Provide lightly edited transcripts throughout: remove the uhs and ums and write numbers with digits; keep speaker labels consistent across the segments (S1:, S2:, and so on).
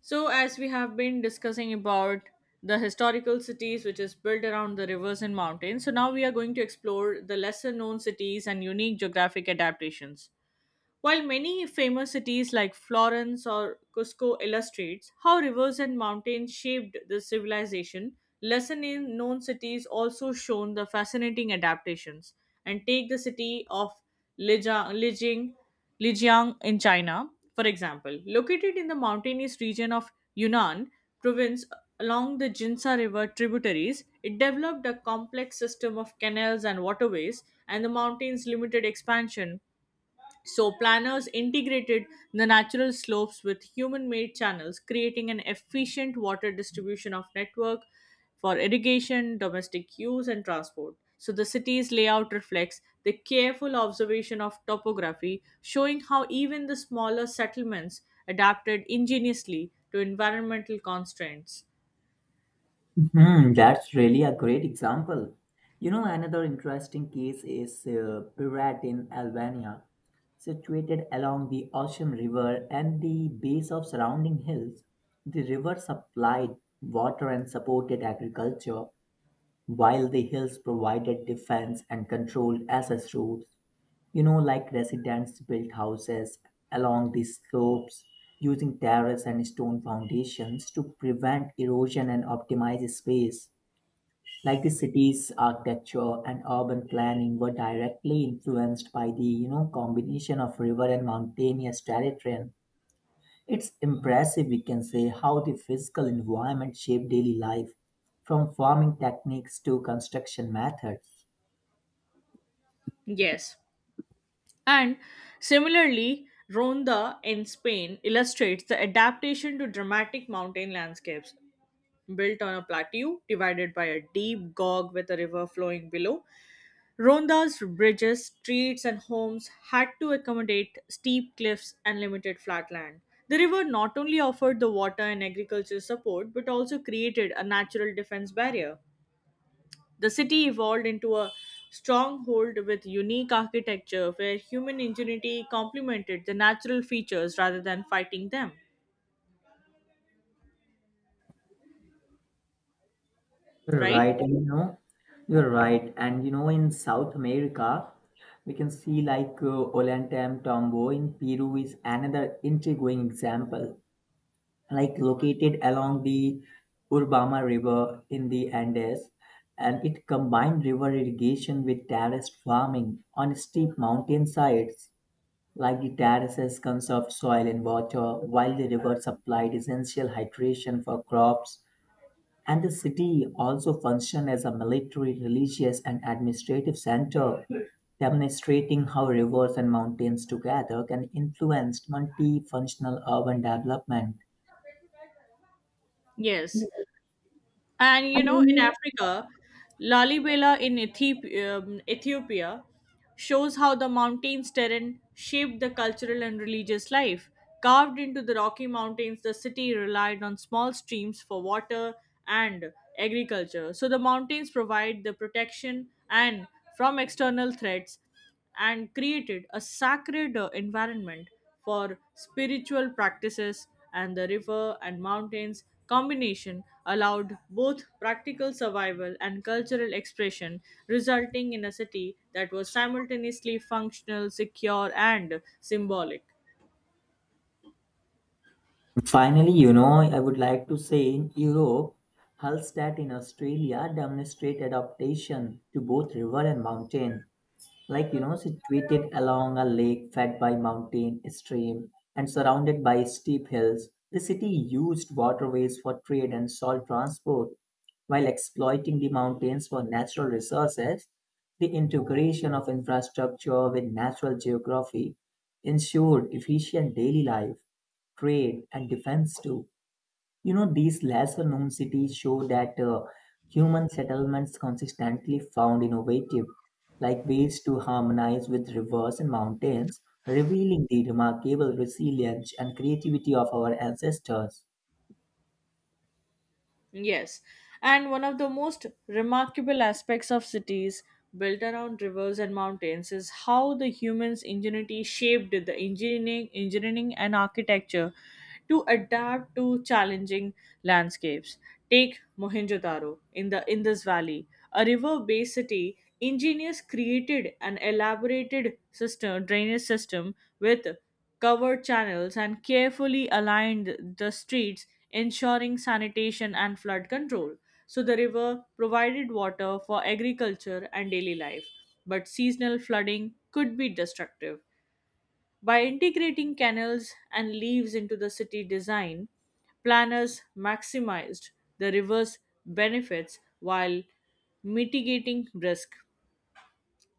S1: So, as we have been discussing about the historical cities which is built around the rivers and mountains, so now we are going to explore the lesser known cities and unique geographic adaptations. While many famous cities like Florence or Cusco illustrates how rivers and mountains shaped the civilization, lesser known cities also shown the fascinating adaptations. And take the city of Lijiang, Lijiang, Lijiang in China, for example, located in the mountainous region of Yunnan province along the Jinsa River tributaries, it developed a complex system of canals and waterways, and the mountain's limited expansion so, planners integrated the natural slopes with human made channels, creating an efficient water distribution of network for irrigation, domestic use, and transport. So, the city's layout reflects the careful observation of topography, showing how even the smaller settlements adapted ingeniously to environmental constraints.
S2: Hmm, that's really a great example. You know, another interesting case is Pirat in Albania, situated along the Ocean River and the base of surrounding hills. The river supplied water and supported agriculture, while the hills provided defense and controlled access routes. You know, like, residents built houses along the slopes using terrace and stone foundations to prevent erosion and optimize space. Like, the city's architecture and urban planning were directly influenced by the, combination of river and mountainous terrain. It's impressive, we can say, how the physical environment shaped daily life, from farming techniques to construction methods.
S1: Yes. And similarly, Ronda in Spain illustrates the adaptation to dramatic mountain landscapes, built on a plateau divided by a deep gorge with a river flowing below. Ronda's bridges, streets, and homes had to accommodate steep cliffs and limited flat land. The river not only offered the water and agricultural support but also created a natural defense barrier. The city evolved into a stronghold with unique architecture where human ingenuity complemented the natural features rather than fighting them,
S2: You're
S1: right?
S2: right. And you know, in South America, we can see, like Olantem in Peru is another intriguing example. Like, located along the Urbama River in the Andes, and it combined river irrigation with terraced farming on steep mountain sides. Like, the terraces conserved soil and water, while the river supplied essential hydration for crops. And the city also functioned as a military, religious, and administrative center, demonstrating how rivers and mountains together can influence multifunctional urban development.
S1: Yes. And you know, in Africa, Lalibela in Ethiopia shows how the mountains terrain shaped the cultural and religious life. Carved into the Rocky Mountains, the city relied on small streams for water and agriculture. So the mountains provide the protection and from external threats and created a sacred environment for spiritual practices, and the river and mountains combination allowed both practical survival and cultural expression, resulting in a city that was simultaneously functional, secure and symbolic.
S2: Finally, you know, I would like to say, in Europe, Hallstatt in Australia demonstrated adaptation to both river and mountain. Like, you know, situated along a lake fed by mountain stream and surrounded by steep hills, the city used waterways for trade and salt transport, while exploiting the mountains for natural resources. The integration of infrastructure with natural geography ensured efficient daily life, trade, and defense too. You know, these lesser known cities show that human settlements consistently found innovative, like, ways to harmonize with rivers and mountains, revealing the remarkable resilience and creativity of our ancestors.
S1: Yes, and one of the most remarkable aspects of cities built around rivers and mountains is how the human's ingenuity shaped the engineering and architecture to adapt to challenging landscapes. Take Mohenjo-daro in the Indus Valley, a river-based city. Engineers created an drainage system with covered channels, and carefully aligned the streets, ensuring sanitation and flood control. So the river provided water for agriculture and daily life, but seasonal flooding could be destructive. By integrating canals and leaves into the city design, planners maximized the river's benefits while mitigating risk,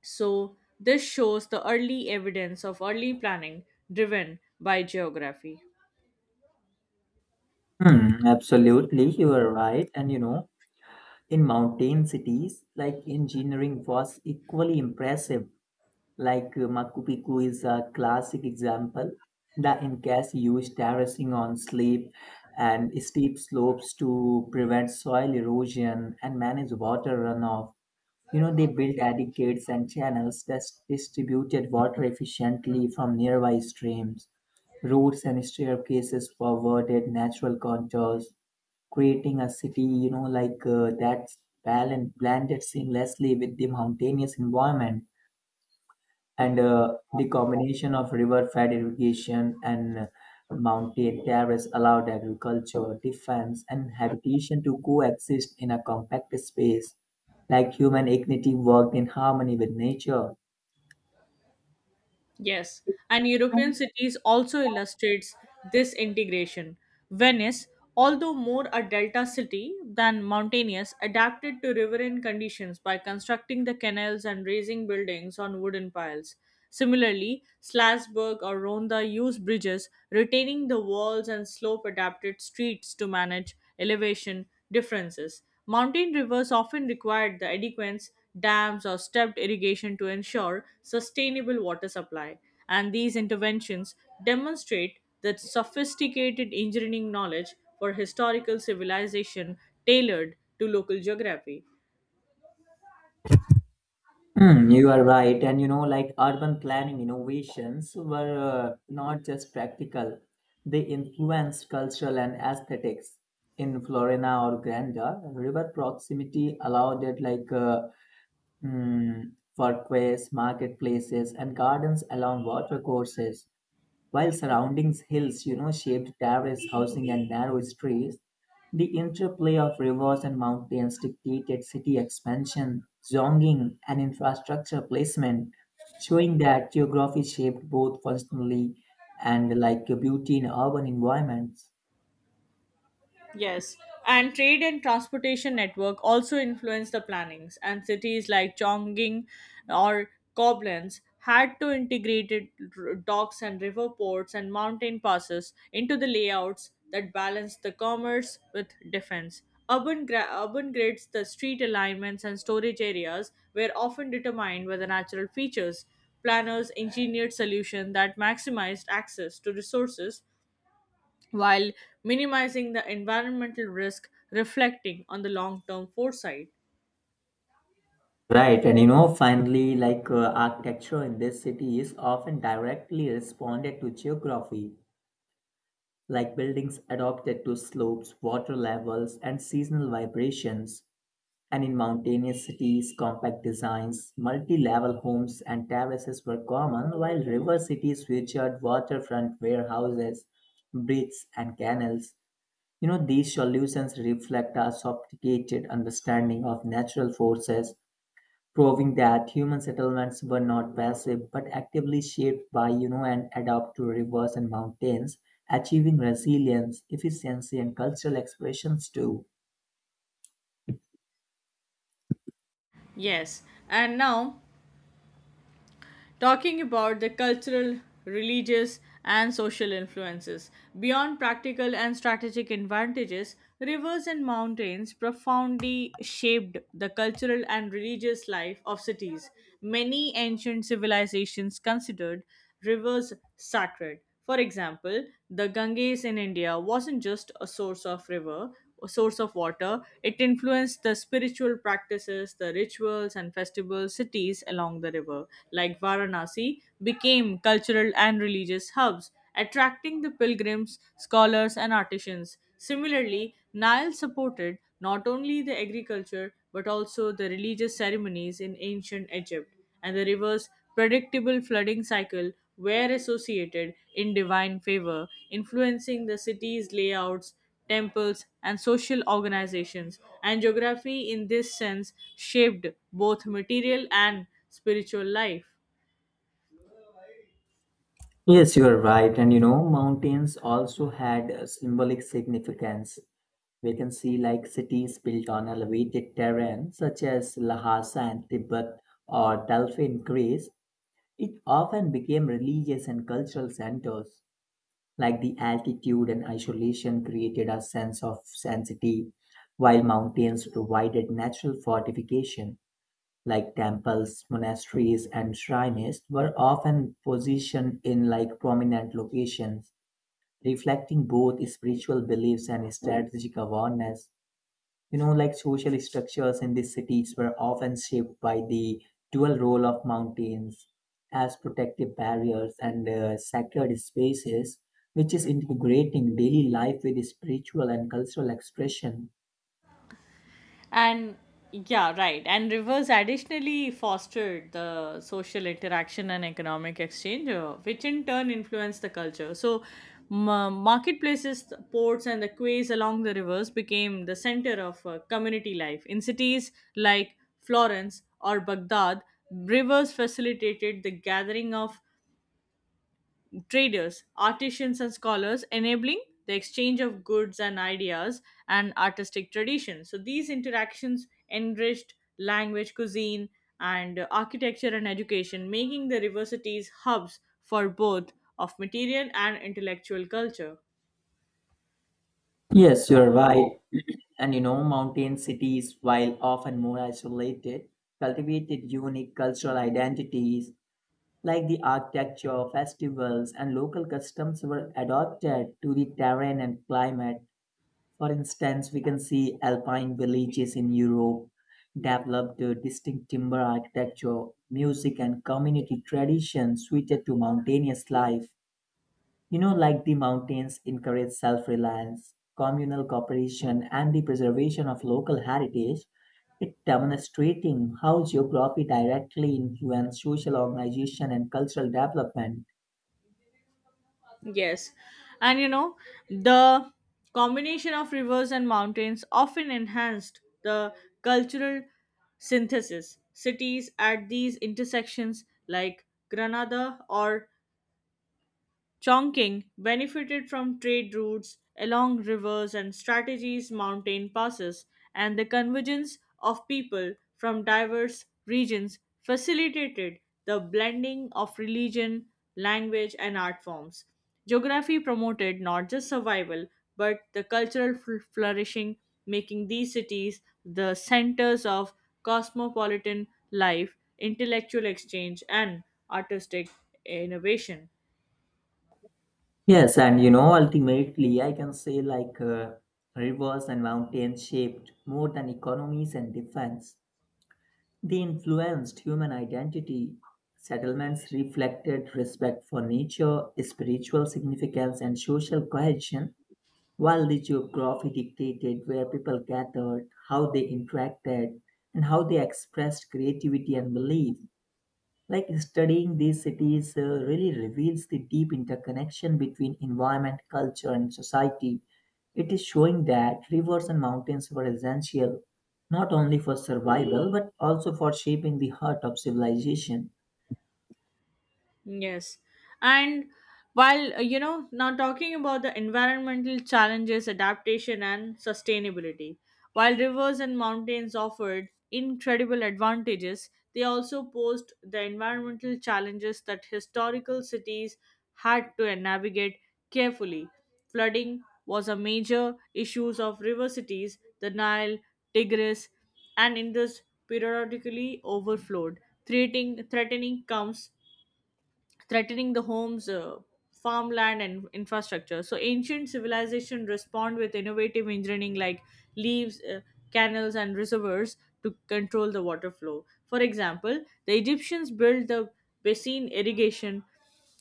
S1: so this shows the early evidence of early planning driven by geography.
S2: Hmm, absolutely, you are right. And you know, in mountain cities, like, engineering was equally impressive. Like Machu Picchu is a classic example. The Incas used terracing on slip and steep slopes to prevent soil erosion and manage water runoff. You know, they built aqueducts and channels that distributed water efficiently from nearby streams. Roads and staircases forwarded natural contours, creating a city, you know, like that's balanced, blended seamlessly with the mountainous environment. And the combination of river fed irrigation and mountain terrace allowed agriculture, defense, and habitation to coexist in a compact space. Like, human dignity worked in harmony with nature.
S1: Yes, and European cities also illustrates this integration. Venice, although more a delta city than mountainous, adapted to riverine conditions by constructing the canals and raising buildings on wooden piles. Similarly, Slasburg or Ronda used bridges, retaining the walls and slope adapted streets to manage elevation differences. Mountain rivers often required the adequate dams, or stepped irrigation to ensure sustainable water supply. And these interventions demonstrate the sophisticated engineering knowledge for historical civilization tailored to local geography.
S2: Hmm, you are right. And you know, like, urban planning innovations were not just practical, they influenced cultural and aesthetics. In Florina or Granda, river proximity allowed it, like Hmm. parkways, marketplaces, and gardens along watercourses, while surrounding hills, you know, shaped terrace housing and narrow streets. The interplay of rivers and mountains dictated city expansion, zoning, and infrastructure placement, showing that geography shaped both functionally and, like, beauty in urban environments.
S1: Yes, and trade and transportation network also influenced the plannings, and cities like Chongqing or Koblenz had to integrate docks and river ports and mountain passes into the layouts that balanced the commerce with defense. Urban grids, the street alignments and storage areas were often determined by the natural features. Planners engineered solutions that maximized access to resources while minimizing the environmental risk, reflecting on the long-term foresight.
S2: Right, and you know, finally, like architecture in this city is often directly responded to geography. Like, buildings adapted to slopes, water levels, and seasonal vibrations. And in mountainous cities, compact designs, multi level homes, and terraces were common, while river cities featured waterfront warehouses, bridges, and canals. You know, these solutions reflect our sophisticated understanding of natural forces, proving that human settlements were not passive but actively shaped by, and adapt to rivers and mountains, achieving resilience, efficiency, and cultural expressions too.
S1: Yes, and now talking about the cultural, religious and social influences. Beyond practical and strategic advantages, rivers and mountains profoundly shaped the cultural and religious life of cities. Many ancient civilizations considered rivers sacred. For example, the Ganges in India wasn't just a source of river, a source of water, it influenced the spiritual practices, the rituals and festival cities along the river, like Varanasi, became cultural and religious hubs, attracting the pilgrims, scholars and artisans. Similarly, Nile supported not only the agriculture but also the religious ceremonies in ancient Egypt, and the river's predictable flooding cycle were associated in divine favor, influencing the city's layouts, temples, and social organizations. And geography, in this sense, shaped both material and spiritual life.
S2: Yes, you are right. And you know, mountains also had a symbolic significance. We can see, like, cities built on elevated terrain such as Lhasa in Tibet or Delphi in Greece, it often became religious and cultural centers. Like, the altitude and isolation created a sense of sanctity, while mountains provided natural fortification. Like, temples, monasteries, and shrines were often positioned in, like, prominent locations, reflecting both spiritual beliefs and strategic awareness. You know, like, social structures in these cities were often shaped by the dual role of mountains as protective barriers and sacred spaces, which is integrating daily life with spiritual and cultural expression.
S1: And yeah, right. And rivers additionally fostered the social interaction and economic exchange, which in turn influenced the culture. So, marketplaces, the ports, and the quays along the rivers became the center of community life. In cities like Florence or Baghdad, rivers facilitated the gathering of traders, artisans, and scholars, enabling the exchange of goods and ideas and artistic traditions. So these interactions enriched language, cuisine, and architecture and education, making the universities hubs for both of material and intellectual culture.
S2: Yes, you're right. And you know, mountain cities, while often more isolated, cultivated unique cultural identities. Like, the architecture, festivals, and local customs were adapted to the terrain and climate. For instance, we can see alpine villages in Europe developed a distinct timber architecture, music, and community traditions suited to mountainous life. You know, like, the mountains encourage self reliance, communal cooperation, and the preservation of local heritage. It demonstrating how geography directly influences social organization and cultural development.
S1: Yes. And you know, the combination of rivers and mountains often enhanced the cultural synthesis. Cities at these intersections, like Granada or Chongqing benefited from trade routes along rivers and strategies mountain passes, and the convergence of people from diverse regions facilitated the blending of religion, language, and art forms. Geography promoted not just survival but the cultural flourishing, making these cities the centers of cosmopolitan life, intellectual exchange, and artistic innovation.
S2: Yes, and you know, ultimately, I can say, like rivers and mountains shaped more than economies and defense. They influenced human identity. Settlements reflected respect for nature, spiritual significance, and social cohesion, while the geography dictated where people gathered, how they interacted, and how they expressed creativity and belief. Like, studying these cities really reveals the deep interconnection between environment, culture, and society. It is showing that rivers and mountains were essential not only for survival but also for shaping the heart of civilization.
S1: Yes. And while, you know, now talking about the environmental challenges, adaptation, and sustainability, while rivers and mountains offered incredible advantages, they also posed the environmental challenges that historical cities had to navigate carefully. Flooding was a major issue of river cities, the Nile, Tigris, and Indus periodically overflowed, threatening, threatening comes threatening the homes, farmland, and infrastructure. So ancient civilization respond with innovative engineering like leaves, canals, and reservoirs to control the water flow. For example, the Egyptians built the basin irrigation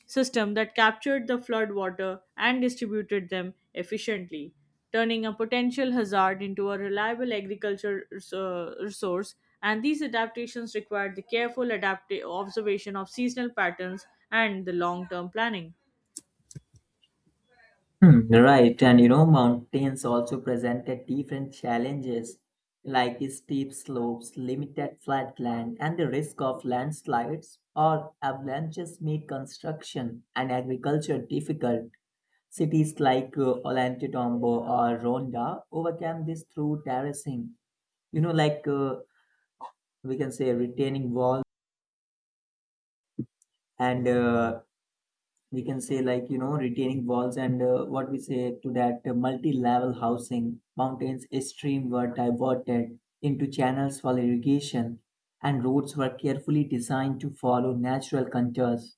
S1: system that captured the flood water and distributed them efficiently, turning a potential hazard into a reliable agricultural resource. And these adaptations required the careful observation of seasonal patterns and the long term planning.
S2: Hmm, right, and you know, mountains also presented different challenges, like steep slopes, limited flat land, and the risk of landslides or avalanches made construction and agriculture difficult. Cities like Ollantaytambo or Ronda overcame this through terracing. You know, like we can say retaining walls and uh, we can say, like, you know, retaining walls and what we say to that, multi-level housing. Mountains stream were diverted into channels for irrigation, and roads were carefully designed to follow natural contours.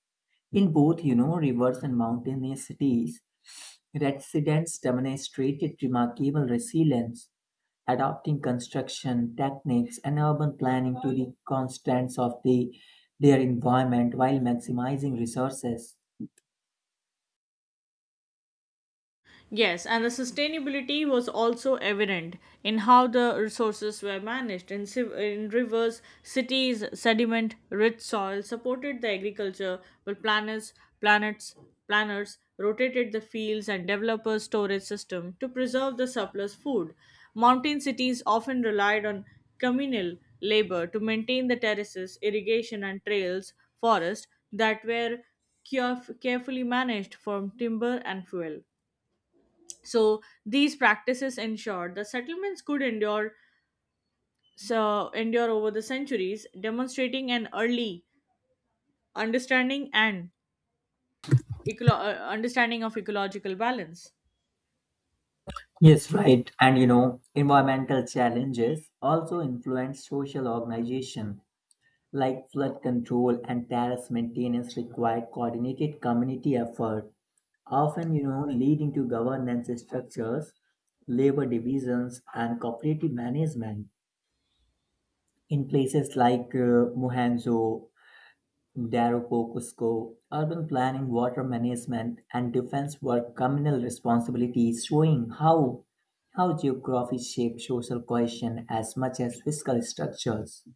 S2: In both, you know, rivers and mountainous cities, residents demonstrated remarkable resilience, adapting construction techniques and urban planning to the constraints of their environment while maximizing resources.
S1: Yes, and the sustainability was also evident in how the resources were managed. In, in rivers, cities, sediment rich soil supported the agriculture, but planets, planners rotated the fields and developers' storage system to preserve the surplus food. Mountain cities often relied on communal labor to maintain the terraces, irrigation, and trails, forests that were carefully managed from timber and fuel. So these practices ensured the settlements could endure over the centuries, demonstrating an early understanding and understanding of ecological balance.
S2: Yes, right. And you know, environmental challenges also influence social organization, like flood control and terrace maintenance require coordinated community effort, often, you know, leading to governance structures, labor divisions, and cooperative management. In places like Mohenjo Daropokusco, urban planning, water management, and defense were communal responsibilities, showing how, geography shapes social cohesion as much as physical structures.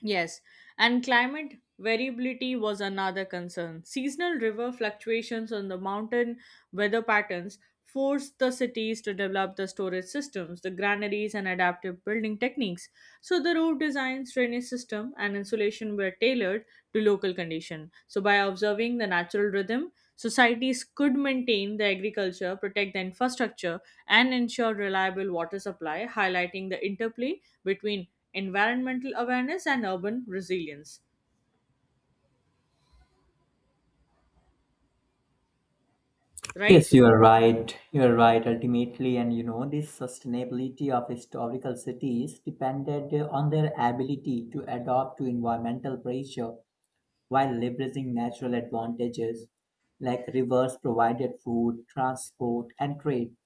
S1: Yes, and climate variability was another concern. Seasonal river fluctuations on the mountain weather patterns forced the cities to develop the storage systems, the granaries, and adaptive building techniques. So the roof designs, drainage system, and insulation were tailored to local condition. So by observing the natural rhythm, societies could maintain the agriculture, protect the infrastructure, and ensure reliable water supply, highlighting the interplay between environmental awareness and urban resilience, right?
S2: Yes, you are right. You are right. Ultimately, and you know, this sustainability of historical cities depended on their ability to adapt to environmental pressure while leveraging natural advantages. Like, rivers provided food, transport, and trade,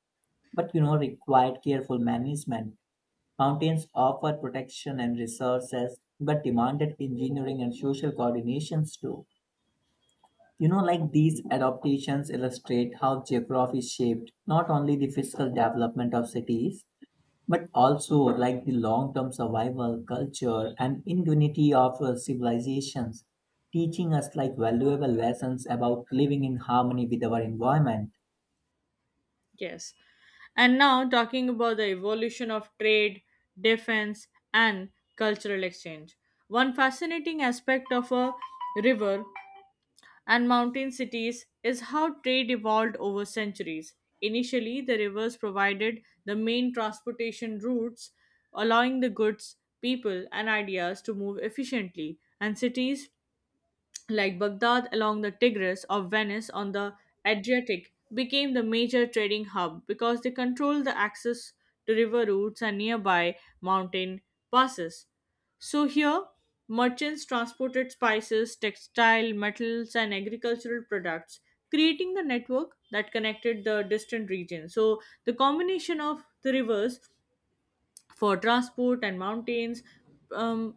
S2: but, you know, required careful management. Mountains offer protection and resources, but demanded engineering and social coordinations too. You know, like, these adaptations illustrate how geography shaped not only the physical development of cities, but also, like, the long-term survival, culture, and ingenuity of civilizations, teaching us, like, valuable lessons about living in harmony with our environment.
S1: Yes, and now talking about the evolution of trade, defense and cultural exchange. One fascinating aspect of a river and mountain cities is how trade evolved over centuries. Initially the rivers provided the main transportation routes, allowing the goods, people and ideas to move efficiently, and cities like Baghdad along the Tigris or Venice on the Adriatic, became the major trading hub because they controlled the access to river routes and nearby mountain passes. So here, merchants transported spices, textile, metals, and agricultural products, creating the network that connected the distant regions. So the combination of the rivers for transport and mountains, um,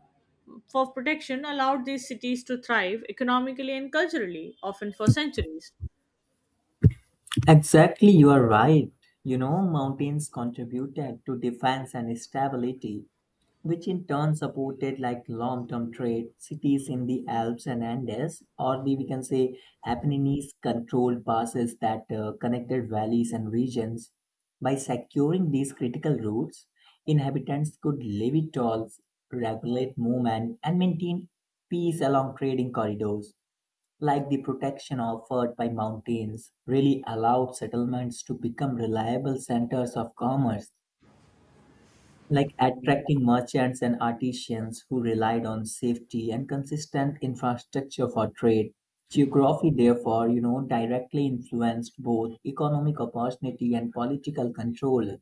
S1: for protection allowed these cities to thrive economically and culturally, often for centuries.
S2: Exactly, you are right. You know, mountains contributed to defense and stability, which in turn supported, like, long-term trade. Cities in the Alps and Andes, or, the, we can say, Apennines, controlled passes that connected valleys and regions. By securing these critical routes, inhabitants could levy tolls, regulate movement, and maintain peace along trading corridors. Like, the protection offered by mountains really allowed settlements to become reliable centers of commerce, like, attracting merchants and artisans who relied on safety and consistent infrastructure for trade. Geography, therefore, you know, directly influenced both economic opportunity and political control.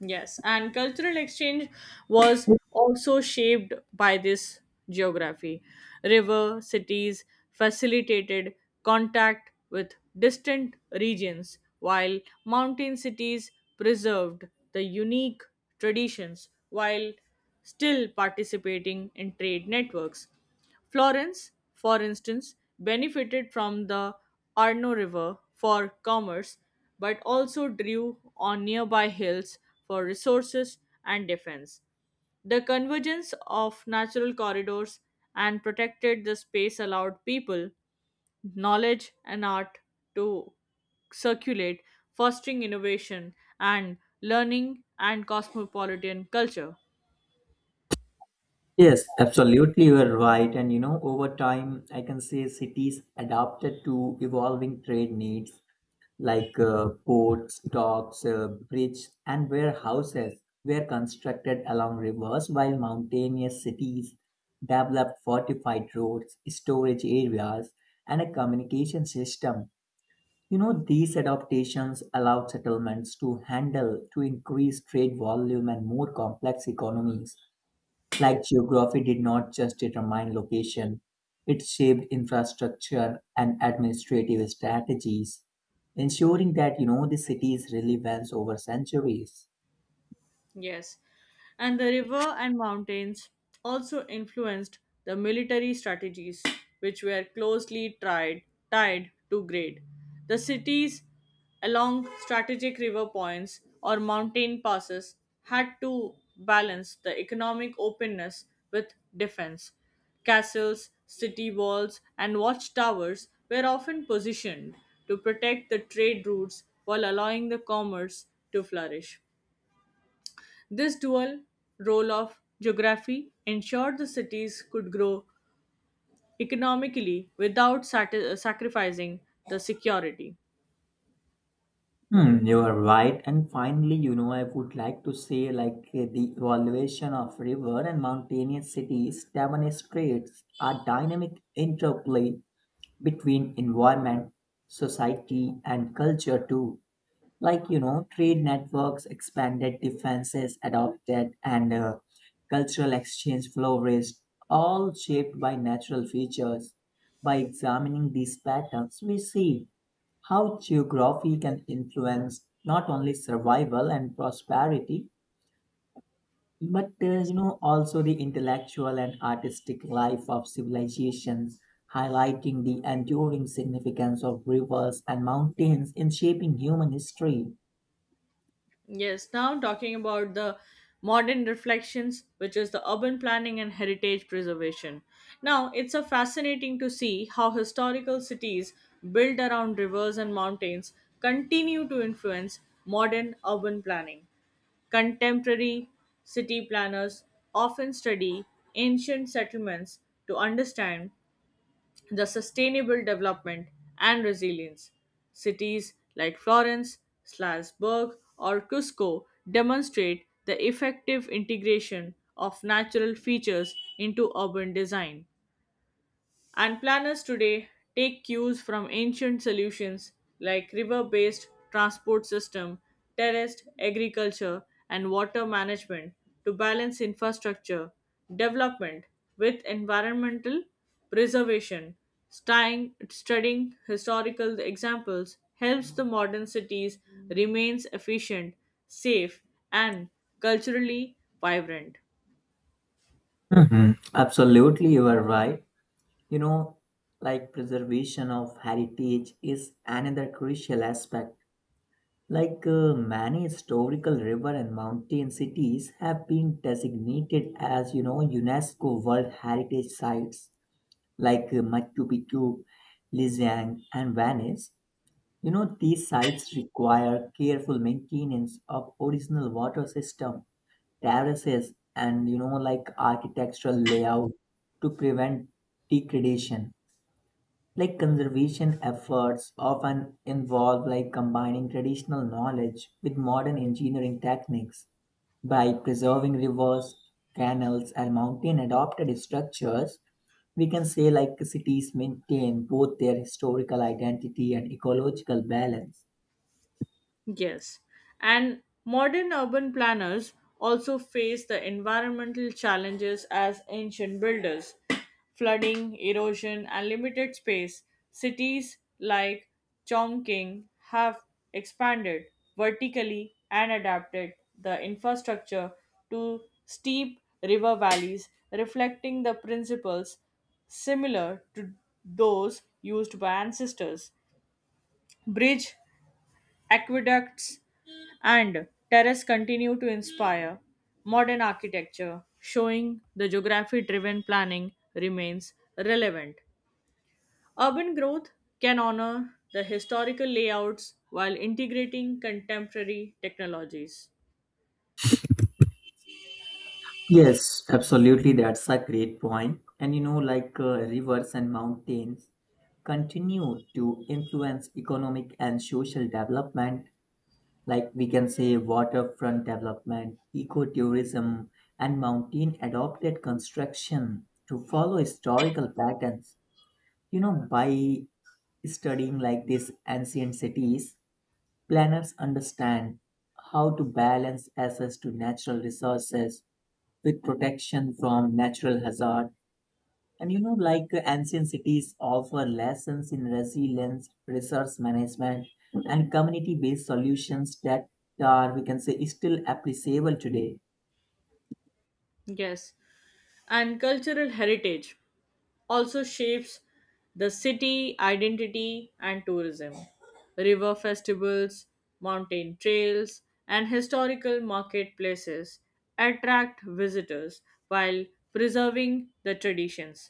S1: Yes, and cultural exchange was also shaped by this geography. River cities facilitated contact with distant regions, while mountain cities preserved the unique traditions while still participating in trade networks. Florence, for instance, benefited from the Arno River for commerce but also drew on nearby hills for resources and defense. The convergence of natural corridors and protected the space allowed people, knowledge, and art to circulate, fostering innovation and learning and cosmopolitan culture.
S2: Yes, absolutely, you are right. And you know, over time, I can say, cities adapted to evolving trade needs, like ports, docks, bridges, and warehouses were constructed along rivers, while mountainous cities developed fortified roads, storage areas, and a communication system. You know, these adaptations allowed settlements to handle to increase trade volume and more complex economies. Like, geography did not just determine location, it shaped infrastructure and administrative strategies, ensuring that, you know, the city's relevance over centuries.
S1: Yes, and the river and mountains also influenced the military strategies, which were tied to grade. The cities along strategic river points or mountain passes had to balance the economic openness with defense. Castles, city walls, and watchtowers were often positioned to protect the trade routes while allowing the commerce to flourish. This dual role of geography ensured the cities could grow economically without sacrificing the security.
S2: Hmm, you are right. And finally, you know, I would like to say, like the evaluation of river and mountainous cities demonstrates a dynamic interplay between environment, society, and culture too. Like, you know, trade networks expanded, defenses adopted, and cultural exchange flourished, all shaped by natural features. By examining these patterns, we see how geography can influence not only survival and prosperity, but you
S1: Yes.
S2: know, also the intellectual and artistic life of civilizations, highlighting the enduring significance of rivers and mountains in shaping human history.
S1: Yes. Now talking about the modern reflections, which is the urban planning and heritage preservation. Now it's a fascinating to see how historical cities built around rivers and mountains continue to influence modern urban planning. Contemporary city planners often study ancient settlements to understand the sustainable development and resilience. Cities like Florence, Salzburg, or Cusco demonstrate the effective integration of natural features into urban design. And planners today take cues from ancient solutions like river based transport system, terraced agriculture, and water management to balance infrastructure development with environmental preservation. Studying historical examples helps the modern cities remains efficient, safe, and culturally vibrant.
S2: Mhm. Absolutely, you are right. You know, like, preservation of heritage is another crucial aspect. Like many historical river and mountain cities have been designated as, you know, UNESCO World Heritage Sites, like Machu Picchu, Lijiang, and Venice. You know, these sites require careful maintenance of original water system, terraces, and, you know, like, architectural layout to prevent degradation. Like, conservation efforts often involve, like, combining traditional knowledge with modern engineering techniques. By preserving rivers, canals, and mountain adopted structures, we can say, like, cities maintain both their historical identity and ecological balance.
S1: Yes. And modern urban planners also face the environmental challenges as ancient builders flooding, erosion, and limited space. Cities like Chongqing have expanded vertically and adapted the infrastructure to steep river valleys, reflecting the principles similar to those used by ancestors. Bridge Aqueducts and terrace continue to inspire modern architecture, showing the geography driven planning remains relevant. Urban growth can honor the historical layouts while integrating contemporary technologies.
S2: Yes, absolutely. That's a great point. And you know, like rivers and mountains continue to influence economic and social development. Like, we can say, waterfront development, ecotourism, and mountain adopted construction to follow historical patterns. You know, by studying, like, these ancient cities, planners understand how to balance access to natural resources with protection from natural hazard. And you know, like ancient cities offer lessons in resilience, resource management, and community-based solutions that are, we can say, still appreciable today.
S1: Yes, and cultural heritage also shapes the city identity and tourism. River festivals, mountain trails, and historical marketplaces attract visitors while preserving the traditions.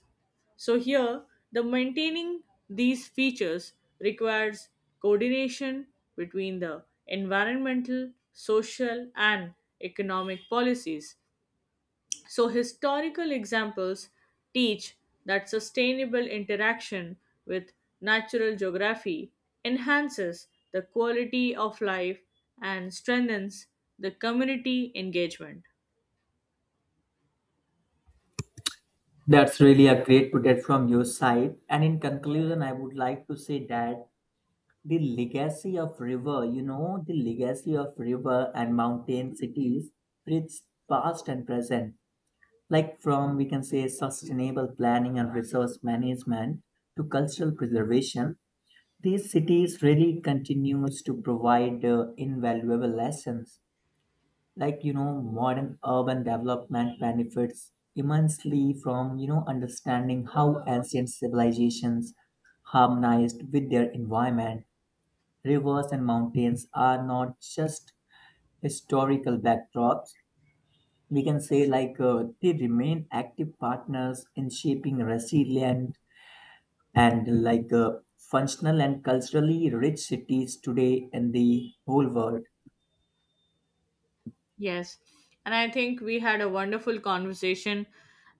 S1: So here, the maintaining these features requires coordination between the environmental, social, and economic policies, so historical examples teach that sustainable interaction with natural geography enhances the quality of life and strengthens the community engagement.
S2: That's really a great project from your side. And in conclusion, I would like to say that the legacy of river, and mountain cities, it's past and present. Like, from, we can say, sustainable planning and resource management to cultural preservation, these cities really continues to provide invaluable lessons. Like, you know, modern urban development benefits immensely from, you know, understanding how ancient civilizations harmonized with their environment. Rivers and mountains are not just historical backdrops. We can say, like they remain active partners in shaping resilient and, like functional and culturally rich cities today in the whole world.
S1: Yes, and I think we had a wonderful conversation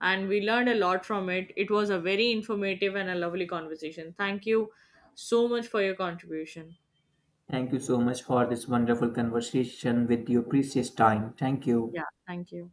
S1: and we learned a lot from it. It was a very informative and a lovely conversation. Thank you so much for your contribution.
S2: Thank you so much for this wonderful conversation with your precious time. Thank you.
S1: Yeah, thank you.